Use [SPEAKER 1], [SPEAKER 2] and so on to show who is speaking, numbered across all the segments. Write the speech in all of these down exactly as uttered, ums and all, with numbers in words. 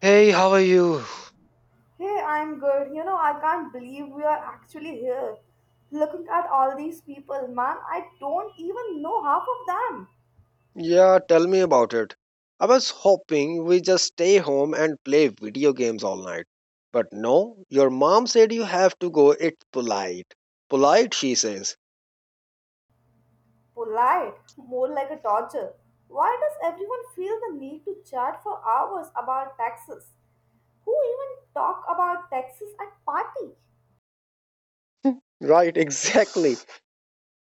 [SPEAKER 1] Hey, how are you?
[SPEAKER 2] Hey, I'm good. You know, I can't believe we are actually here. Looking at all these people, man, I don't even know half of them.
[SPEAKER 1] Yeah, tell me about it. I was hoping we just stay home and play video games all night. But no, your mom said you have to go. It's polite. Polite, she says.
[SPEAKER 2] Polite, more like a torture. Why does everyone feel the need to chat for hours about taxes? Who even talk about taxes at party?
[SPEAKER 1] Right, exactly.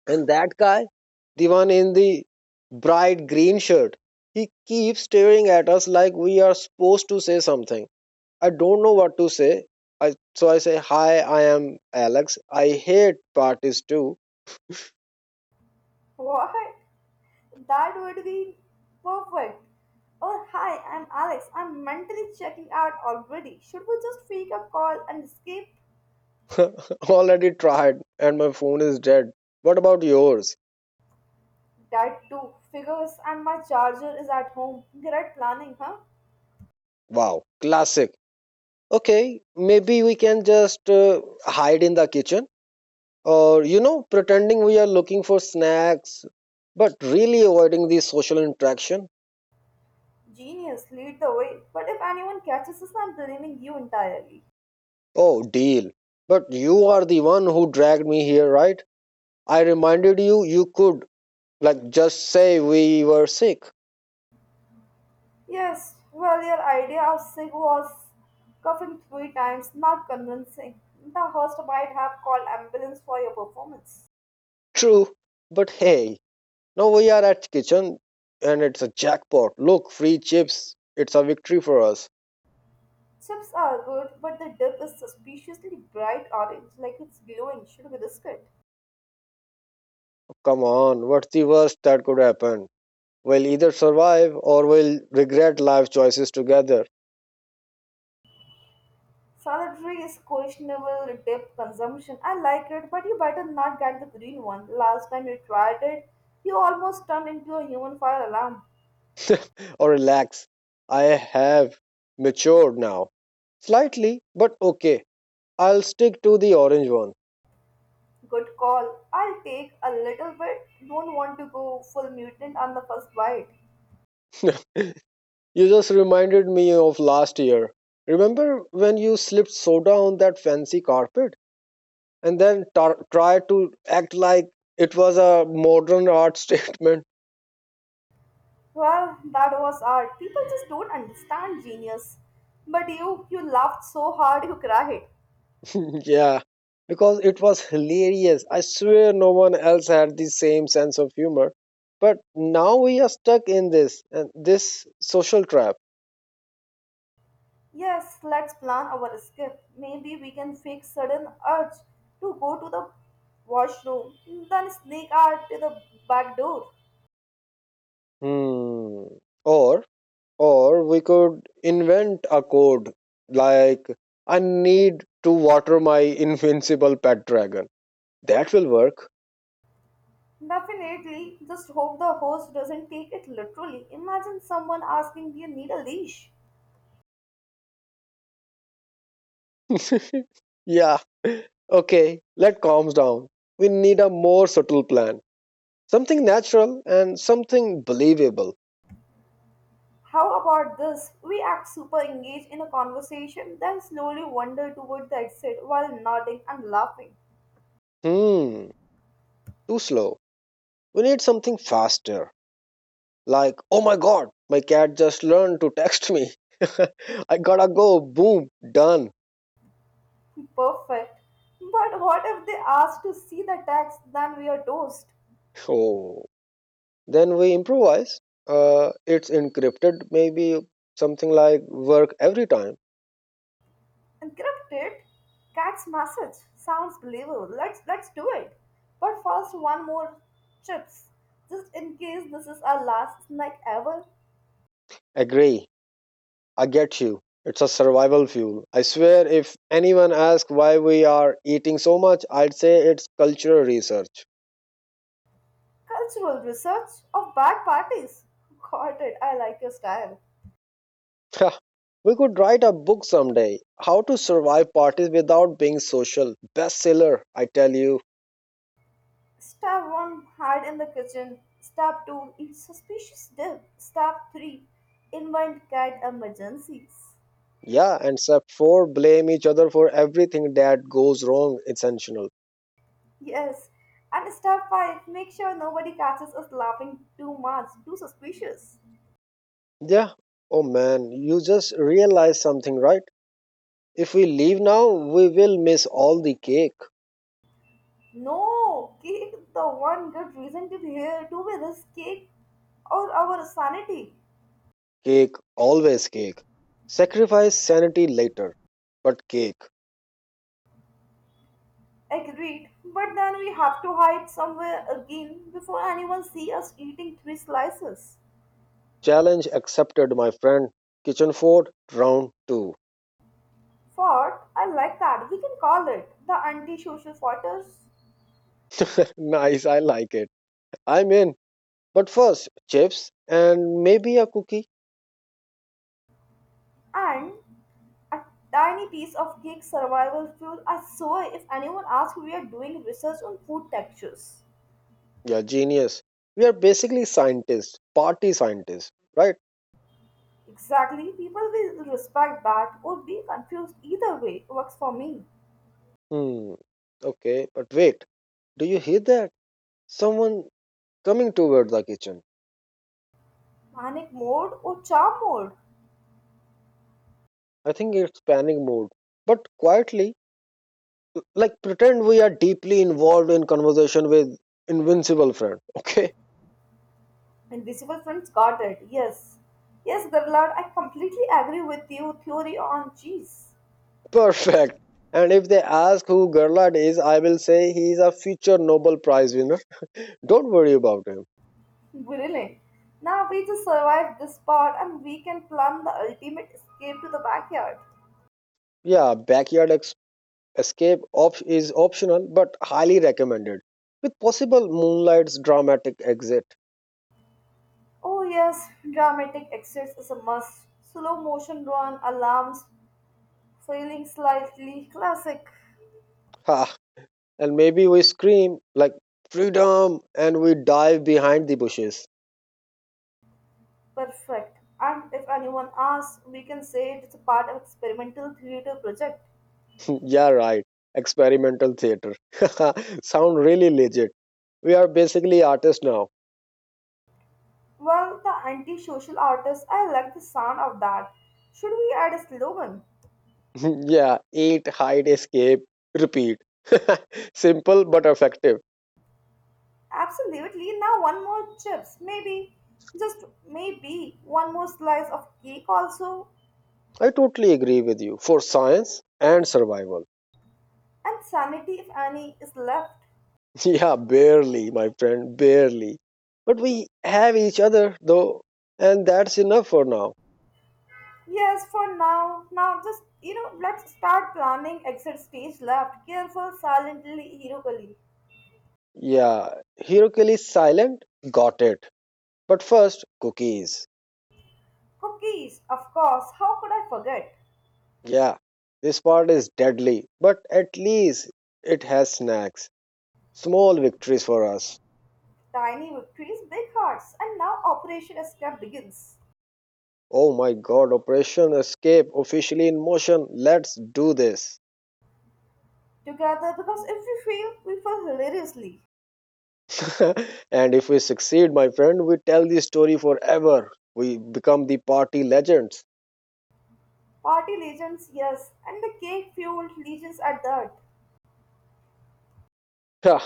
[SPEAKER 1] And that guy, the one in the bright green shirt, he keeps staring at us like we are supposed to say something. I don't know what to say. I, so I say, Hi, I am Alex. I hate parties too.
[SPEAKER 2] What? That would be perfect. Oh, hi, I'm Alex. I'm mentally checking out already. Should we just fake a call and escape?
[SPEAKER 1] Already tried, and my phone is dead. What about yours?
[SPEAKER 2] That too. Figures and my charger is at home. Great planning, huh?
[SPEAKER 1] Wow, classic. Okay, maybe we can just uh, hide in the kitchen or, you know, pretending we are looking for snacks, but really avoiding the social interaction.
[SPEAKER 2] Genius, lead the way. But if anyone catches us, I'm blaming you entirely.
[SPEAKER 1] Oh, deal. But you are the one who dragged me here, right? I reminded you you could, like, just say we were sick.
[SPEAKER 2] Yes, well, your idea of Sig was coughing three times, not convincing. The host might have called ambulance for your performance.
[SPEAKER 1] True, but hey, now we are at kitchen and it's a jackpot. Look, free chips. It's a victory for us.
[SPEAKER 2] Chips are good, but the dip is suspiciously bright orange, like it's glowing. Should we risk it?
[SPEAKER 1] Come on, what's the worst that could happen? We'll either survive or we'll regret life choices together.
[SPEAKER 2] Salad is questionable dip consumption. I like it, but you better not get the green one. Last time you tried it, you almost turned into a human fire alarm.
[SPEAKER 1] Or relax. I have matured now. Slightly, but okay. I'll stick to the orange one.
[SPEAKER 2] Good call. I'll take a little bit. Don't want to go full mutant on the first bite.
[SPEAKER 1] You just reminded me of last year. Remember when you slipped soda on that fancy carpet? And then tar- try to act like it was a modern art statement.
[SPEAKER 2] Well, that was art. People just don't understand genius. But you, you laughed so hard you cried.
[SPEAKER 1] Yeah, because it was hilarious. I swear no one else had the same sense of humor. But now we are stuck in this and this social trap.
[SPEAKER 2] Yes, let's plan our escape. Maybe we can fake sudden urge to go to the washroom, then sneak out to the back door.
[SPEAKER 1] Hmm. Or or we could invent a code like, I need to water my invincible pet dragon. That will work.
[SPEAKER 2] Definitely, just hope the host doesn't take it literally. Imagine someone asking, do you need a leash?
[SPEAKER 1] Yeah. Okay, let calms down. We need a more subtle plan. Something natural and something believable.
[SPEAKER 2] How about this? We act super engaged in a conversation, then slowly wander toward the exit while nodding and laughing.
[SPEAKER 1] Hmm, too slow. We need something faster. Like, oh my god, my cat just learned to text me. I gotta go. Boom, done.
[SPEAKER 2] Perfect. But what if they ask to see the text? Then we are toast.
[SPEAKER 1] Oh. Then we improvise. Uh, it's encrypted, maybe something like work every time.
[SPEAKER 2] Encrypted cat's message sounds believable. Let's let's do it. But first, one more chips, just in case this is our last night ever.
[SPEAKER 1] Agree. I get you. It's a survival fuel. I swear, if anyone asks why we are eating so much, I'd say it's cultural research.
[SPEAKER 2] Cultural research of bad parties. Got it. I like your style.
[SPEAKER 1] We could write a book someday, How to Survive Parties Without Being Social. Bestseller, I tell you.
[SPEAKER 2] Step one, hide in the kitchen. Step two, eat suspicious dip. Step three, invite cat emergencies.
[SPEAKER 1] Yeah, and step four, blame each other for everything that goes wrong. Essential.
[SPEAKER 2] Yes. And step five, make sure nobody catches us laughing too much, too suspicious.
[SPEAKER 1] Yeah. Oh man, you just realized something, right? If we leave now, we will miss all the cake.
[SPEAKER 2] No, cake the one good reason to be here. To be this cake or our sanity?
[SPEAKER 1] Cake, always cake. Sacrifice sanity later, but cake.
[SPEAKER 2] Agreed. But then we have to hide somewhere again before anyone see us eating three slices.
[SPEAKER 1] Challenge accepted, my friend. Kitchen fort, round two.
[SPEAKER 2] Fort, I like that. We can call it the anti-social fortress.
[SPEAKER 1] Nice, I like it. I'm in. But first, chips and maybe a cookie.
[SPEAKER 2] And a tiny piece of cake survival fuel. I swear if anyone asks we are doing research on food textures.
[SPEAKER 1] Yeah, genius. We are basically scientists, party scientists, right?
[SPEAKER 2] Exactly, people will respect that or be confused either way. Works for me.
[SPEAKER 1] Hmm. Okay, but wait. Do you hear that? Someone coming toward the kitchen.
[SPEAKER 2] Panic mode? Or charm mode.
[SPEAKER 1] I think it's panic mode. But quietly, like pretend we are deeply involved in conversation with invincible friend. Okay,
[SPEAKER 2] Invisible friends got it. Yes. Yes, Gerlard, I completely agree with you. Theory on cheese.
[SPEAKER 1] perfect. And if they ask who Gerlard is, I will say he is a future Nobel Prize winner. Don't worry about him.
[SPEAKER 2] Brilliant. Now we just survived this part and we can plan the ultimate escape to the backyard.
[SPEAKER 1] Yeah, backyard ex- escape op- is optional but highly recommended, with possible moonlight's dramatic exit.
[SPEAKER 2] Oh, yes, dramatic exits is a must. Slow motion run, alarms, failing slightly, classic.
[SPEAKER 1] Ha! And maybe we scream like freedom and we dive behind the bushes.
[SPEAKER 2] Perfect. And if anyone asks, we can say it's a part of experimental theater project.
[SPEAKER 1] Yeah, right, experimental theater sound really legit. We are basically artists now.
[SPEAKER 2] Well, the anti-social artist, I like the sound of that. Should we add a slogan?
[SPEAKER 1] Yeah, eat, hide, escape, repeat. Simple but effective.
[SPEAKER 2] Absolutely. Now one more chips, maybe. Just maybe one more slice of cake also.
[SPEAKER 1] I totally agree with you, for science and survival.
[SPEAKER 2] And sanity if any is left.
[SPEAKER 1] Yeah, barely, my friend, barely. But we have each other though, and that's enough for now.
[SPEAKER 2] Yes, for now. Now just you know, let's start planning exit stage left. Careful, silently, heroically.
[SPEAKER 1] Yeah, Hirokili silent, got it. But first, cookies.
[SPEAKER 2] Cookies, of course, how could I forget?
[SPEAKER 1] Yeah, this part is deadly, but at least it has snacks. Small victories for us.
[SPEAKER 2] Tiny victories, big hearts, and now Operation Escape begins.
[SPEAKER 1] Oh my god, Operation Escape officially in motion. Let's do this.
[SPEAKER 2] Together because if we fail, we fail hilariously.
[SPEAKER 1] And if we succeed, my friend, we tell the story forever. We become the party legends.
[SPEAKER 2] Party legends, yes, and the cake fueled legions are dirt,
[SPEAKER 1] Yeah.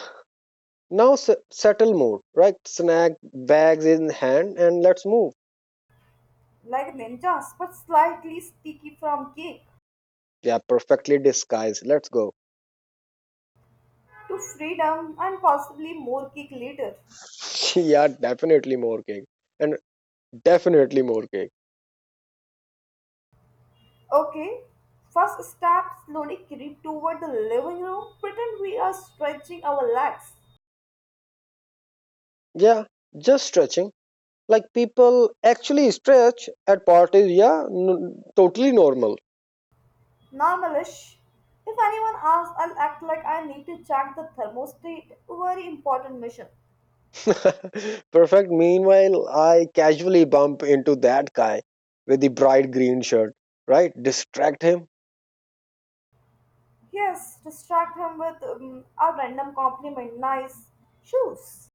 [SPEAKER 1] Now s- settle mode, right? Snack bags in hand and let's move.
[SPEAKER 2] like ninjas, but slightly sticky from cake
[SPEAKER 1] Yeah, perfectly disguised. Let's go.
[SPEAKER 2] to freedom and possibly more cake later.
[SPEAKER 1] Yeah, definitely more cake. And definitely more cake.
[SPEAKER 2] Okay, first step slowly creep toward the living room, pretend we are stretching our legs.
[SPEAKER 1] Yeah, just stretching. Like people actually stretch at parties. Yeah, n- totally normal.
[SPEAKER 2] Normalish. If anyone asks, I'll act like I need to check the thermostat. Very important mission.
[SPEAKER 1] Perfect. Meanwhile, I casually bump into that guy with the bright green shirt, right? Distract him.
[SPEAKER 2] Yes, distract him with um, a random compliment, nice shoes.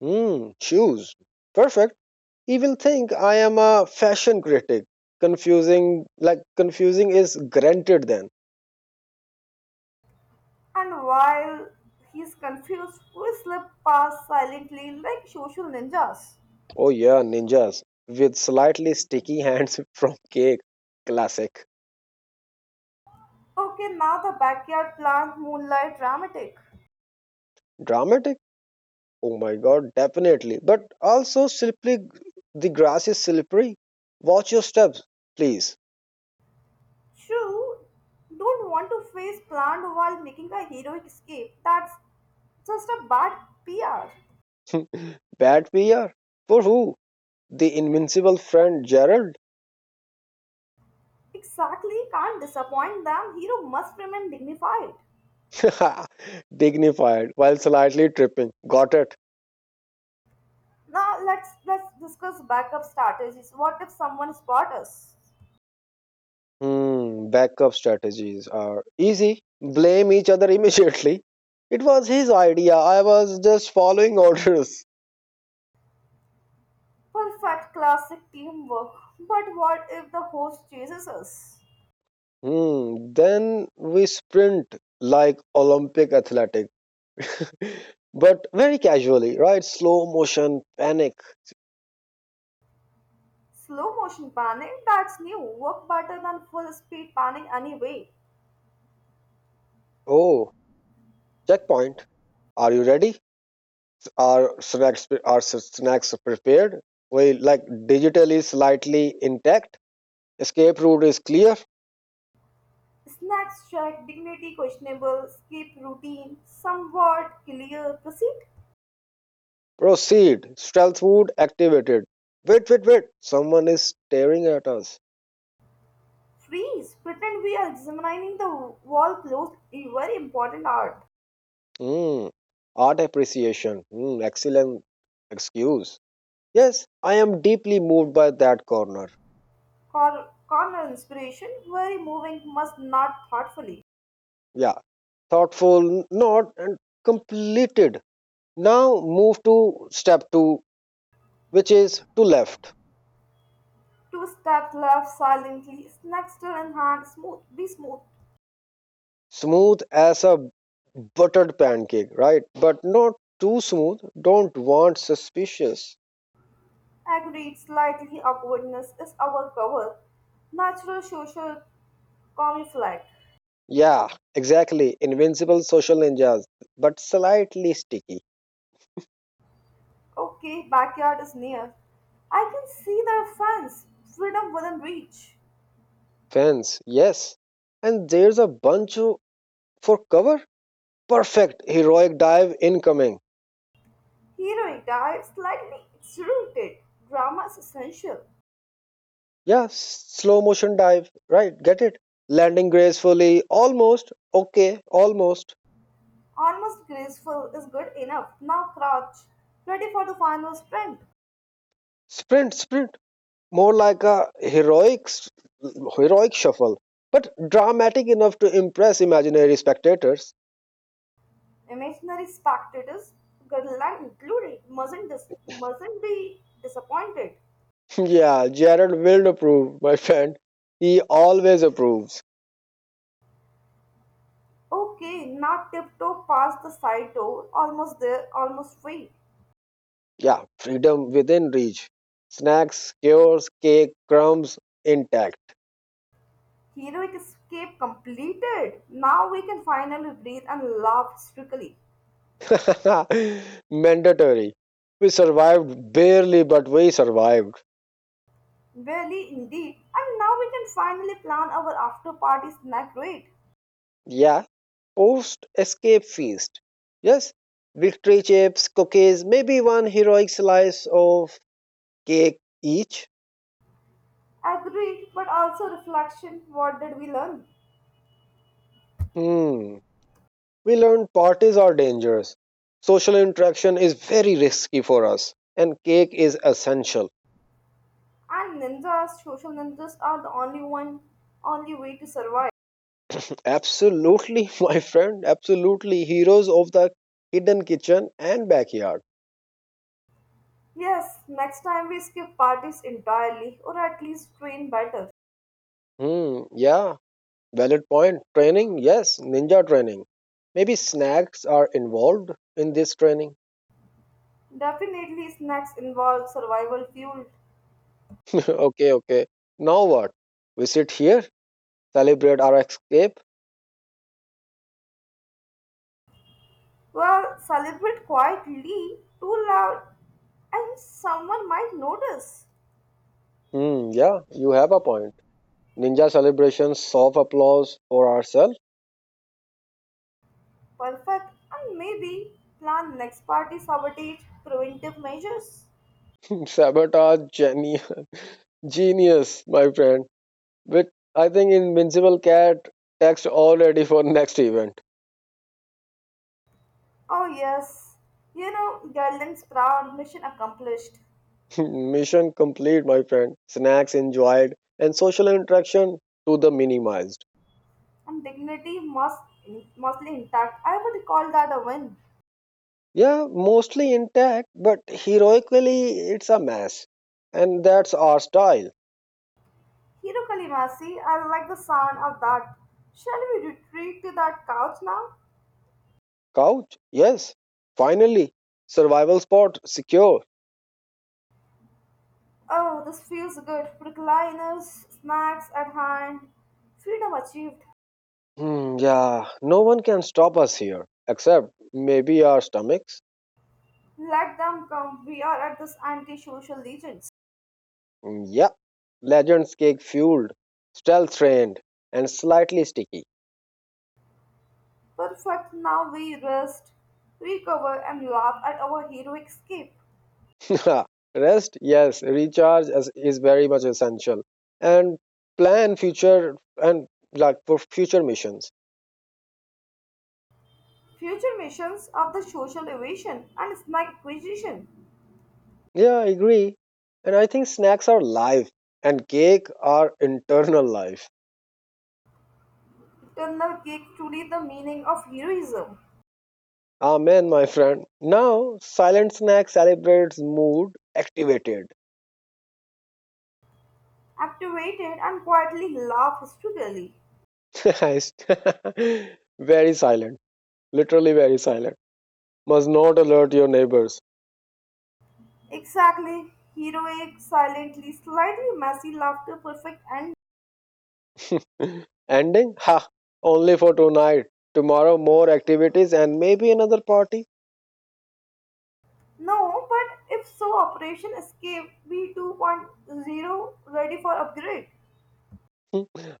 [SPEAKER 1] Hmm, shoes. Perfect. He will think I am a fashion critic. Confusing, like, confusing is granted then.
[SPEAKER 2] And while he's confused, we slip past silently like social ninjas.
[SPEAKER 1] Oh, yeah, ninjas with slightly sticky hands from cake. Classic.
[SPEAKER 2] Okay, now the backyard plant moonlight dramatic.
[SPEAKER 1] Dramatic? Oh my god, definitely. But also, slippery, the grass is slippery. Watch your steps, please.
[SPEAKER 2] True, don't want to face plant while making a heroic escape. That's just a bad P R.
[SPEAKER 1] Bad Batbeer? For who? The invincible friend Gerald?
[SPEAKER 2] Exactly, can't disappoint them. Hero must remain dignified.
[SPEAKER 1] Dignified while slightly tripping. Got it.
[SPEAKER 2] Now let's let's discuss backup strategies. What if someone spots us?
[SPEAKER 1] Hmm, backup strategies are easy. Blame each other immediately. It was his idea. I was just following orders.
[SPEAKER 2] Perfect classic teamwork. But what if the host chases us?
[SPEAKER 1] Hmm, then we sprint like Olympic athletic, but very casually, right? Slow motion, panic.
[SPEAKER 2] Slow motion panning, that's new. Work better than full speed panning anyway.
[SPEAKER 1] Oh, checkpoint. Are you ready? Our snacks pre- our s- snacks are prepared, we like digital is slightly intact, escape route is clear.
[SPEAKER 2] Snacks check, dignity questionable, skip routine, somewhat clear, proceed.
[SPEAKER 1] Proceed stealth food activated. Wait, wait, wait, someone is staring at us.
[SPEAKER 2] Freeze, pretend we are examining the wall closed, a very important art.
[SPEAKER 1] Hmm. Art appreciation. Hmm, excellent excuse. Yes, I am deeply moved by that corner.
[SPEAKER 2] Cor- corner inspiration, very moving, must not thoughtfully.
[SPEAKER 1] Yeah, thoughtful nod and completed. Now move to step two, which is to left.
[SPEAKER 2] Two stepped left silently, snake still in hand, smooth, be smooth.
[SPEAKER 1] Smooth as a buttered pancake, right? But not too smooth. Don't want suspicious.
[SPEAKER 2] Agreed, slightly upwardness is our cover. Natural social camouflage.
[SPEAKER 1] Yeah, exactly. Invincible social ninjas, but slightly sticky.
[SPEAKER 2] Okay, backyard is near. I can see their fence, freedom within reach.
[SPEAKER 1] Fence, yes. And there's a bunch of, for cover. Perfect. Heroic dive incoming.
[SPEAKER 2] Heroic dive, slightly exerted. Drama is essential.
[SPEAKER 1] Yeah, slow motion dive, right? Get it? Landing gracefully, almost. Okay, almost.
[SPEAKER 2] Almost graceful is good enough. Now crouch, ready for the final sprint.
[SPEAKER 1] Sprint, sprint, more like a heroic s- heroic shuffle, but dramatic enough to impress imaginary spectators.
[SPEAKER 2] Imaginary spectators, Garland included, mustn't, dis- mustn't be disappointed.
[SPEAKER 1] Yeah, Jared will approve, my friend. He always approves.
[SPEAKER 2] Okay, now tiptoe past the side door, almost there, almost free.
[SPEAKER 1] Yeah, freedom within reach. Snacks, cures, cake, crumbs intact.
[SPEAKER 2] Heroic escape completed. Now we can finally breathe and laugh hysterically.
[SPEAKER 1] Mandatory. We survived barely, but we survived.
[SPEAKER 2] Barely indeed, and now we can finally plan our after party snack rate.
[SPEAKER 1] Yeah, post escape feast. Yes, victory chips, cookies, maybe one heroic slice of cake each?
[SPEAKER 2] Agreed, but also reflection. What did we learn?
[SPEAKER 1] Hmm. We learned parties are dangerous. Social interaction is very risky for us, and cake is essential.
[SPEAKER 2] And ninjas, social ninjas are the only one, only way to survive.
[SPEAKER 1] Absolutely, my friend. Absolutely. Heroes of the hidden kitchen and backyard.
[SPEAKER 2] Yes, next time we skip parties entirely or at least train better.
[SPEAKER 1] Hmm. Yeah. Valid point. Training. Yes. Ninja training. Maybe snacks are involved in this training.
[SPEAKER 2] Definitely, snacks involve survival fuel.
[SPEAKER 1] Okay. Okay. Now what? We sit here, celebrate our escape.
[SPEAKER 2] Well, celebrate quietly, too loud, and someone might notice.
[SPEAKER 1] Hmm. Yeah. You have a point. Ninja celebration, soft applause for ourselves.
[SPEAKER 2] Perfect, and maybe plan next party sabotage preventive measures.
[SPEAKER 1] Sabotage geni- genius, my friend. But I think Invincible Cat text already for next event.
[SPEAKER 2] Oh, yes, you know, Garland's proud mission accomplished,
[SPEAKER 1] Mission complete, my friend. Snacks enjoyed and social interaction to the minimized.
[SPEAKER 2] and dignity must, mostly intact. I would call that a win.
[SPEAKER 1] Yeah, mostly intact, but heroically it's a mess. And that's our style.
[SPEAKER 2] Hiro Kalimasi, I like the sound of that. Shall we retreat to that couch now?
[SPEAKER 1] Couch, yes. Finally, survival spot secure.
[SPEAKER 2] Oh, this feels good. Recliners, snacks at hand, freedom achieved.
[SPEAKER 1] Hmm, yeah, no one can stop us here, except maybe our stomachs.
[SPEAKER 2] Let them come. We are at this anti-social legends.
[SPEAKER 1] Mm, yeah, legends cake fueled, stealth trained, and slightly sticky.
[SPEAKER 2] Perfect. Now we rest, recover, and laugh at our heroic escape.
[SPEAKER 1] Rest, yes, recharge is, is very much essential, and plan future and like for future missions.
[SPEAKER 2] Future missions of the social evasion and snack acquisition.
[SPEAKER 1] Yeah, I agree, and I think snacks are life, and cake are internal life.
[SPEAKER 2] Eternal cake truly the meaning of heroism.
[SPEAKER 1] Amen, my friend. Now, silent snack celebrates mood activated.
[SPEAKER 2] Activated and quietly laugh hysterically.
[SPEAKER 1] I very silent, literally very silent. Must not alert your neighbors.
[SPEAKER 2] Exactly. Heroic, silently, slightly messy laughter, perfect and
[SPEAKER 1] Ending? Ha! Only for tonight. Tomorrow, more activities and maybe another party.
[SPEAKER 2] no, but if so, Operation Escape V2.0 ready for upgrade.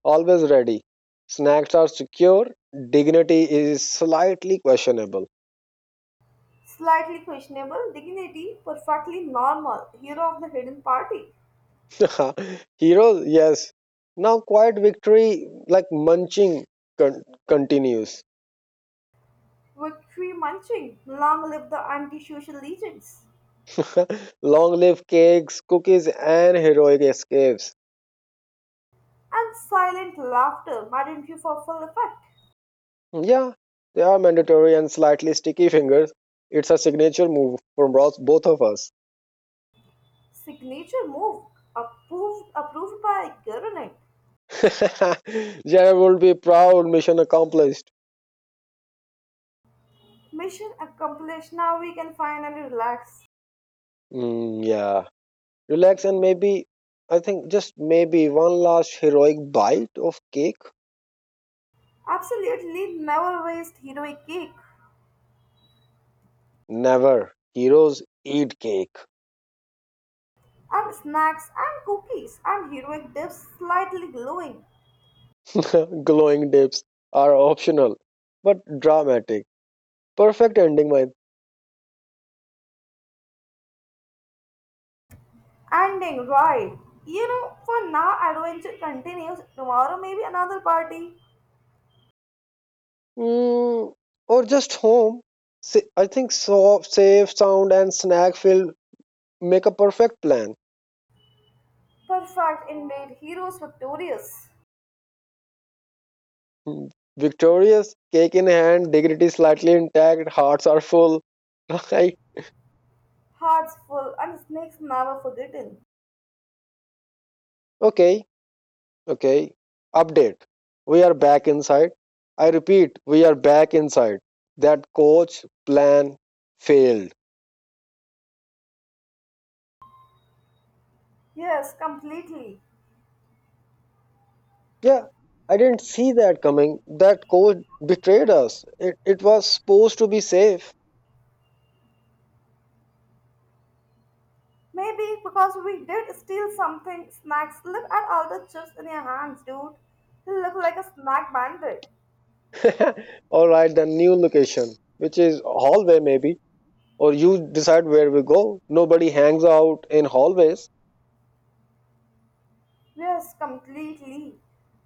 [SPEAKER 1] Always ready. Snacks are secure. Dignity is slightly questionable.
[SPEAKER 2] Slightly questionable, dignity, perfectly normal, hero of the hidden party,
[SPEAKER 1] Heroes? Yes. Now, quiet victory, like munching, con- continues.
[SPEAKER 2] victory munching, long live the anti-social legions,
[SPEAKER 1] Long live cakes, cookies, and heroic escapes.
[SPEAKER 2] and silent laughter, madam you for full effect.
[SPEAKER 1] Yeah, they are mandatory and slightly sticky fingers. It's a signature move from Ross, both of us.
[SPEAKER 2] Signature move, approved, approved by government.
[SPEAKER 1] Jared would be proud, mission accomplished.
[SPEAKER 2] Mission accomplished, now we can finally relax.
[SPEAKER 1] Mm, yeah. Relax and maybe, I think just maybe one last heroic bite of cake.
[SPEAKER 2] Absolutely never waste heroic cake
[SPEAKER 1] Never. Heroes eat cake.
[SPEAKER 2] and snacks and cookies and heroic dips slightly glowing.
[SPEAKER 1] Glowing dips are optional, but dramatic. Perfect ending, my.
[SPEAKER 2] Ending right. You know, for now adventure continues. Tomorrow maybe another party.
[SPEAKER 1] Mm, or just home. Sa- I think soft, safe, sound, and snack filled make a perfect plan.
[SPEAKER 2] Perfect indeed, heroes victorious,
[SPEAKER 1] Victorious, cake in hand, dignity slightly intact, hearts are full. Right?
[SPEAKER 2] hearts full and snakes never forgotten.
[SPEAKER 1] Okay, okay. Update. We are back inside. I repeat, we are back inside. That coach plan failed.
[SPEAKER 2] Yes, completely.
[SPEAKER 1] Yeah, I didn't see that coming. That coach betrayed us. It, it was supposed to be safe.
[SPEAKER 2] Maybe because we did steal something. Snacks. Look at all the chips in your hands, dude. You look like a snack bandit.
[SPEAKER 1] All right, the new location, which is hallway maybe. Or you decide where we go. Nobody hangs out in hallways.
[SPEAKER 2] Yes, completely.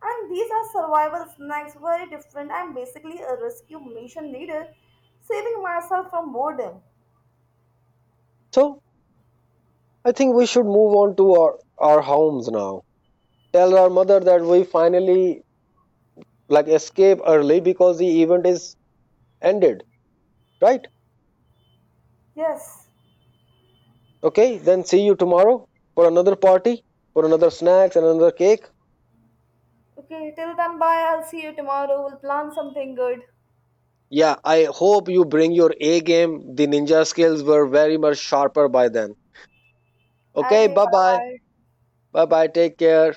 [SPEAKER 2] And these are survival snacks, very different. I'm basically a rescue mission leader, saving myself from boredom.
[SPEAKER 1] So I think we should move on to our, our homes now. Tell our mother that we finally like escape early because the event is ended, right?
[SPEAKER 2] Yes.
[SPEAKER 1] Okay, then see you tomorrow for another party, for another snacks and another cake.
[SPEAKER 2] Okay, till then, bye. I'll see you tomorrow. We'll plan something good.
[SPEAKER 1] Yeah, I hope you bring your A game. The ninja skills were very much sharper by then. Okay,
[SPEAKER 2] Okay,
[SPEAKER 1] bye
[SPEAKER 2] bye
[SPEAKER 1] bye.
[SPEAKER 2] bye.
[SPEAKER 1] Bye bye. Take care.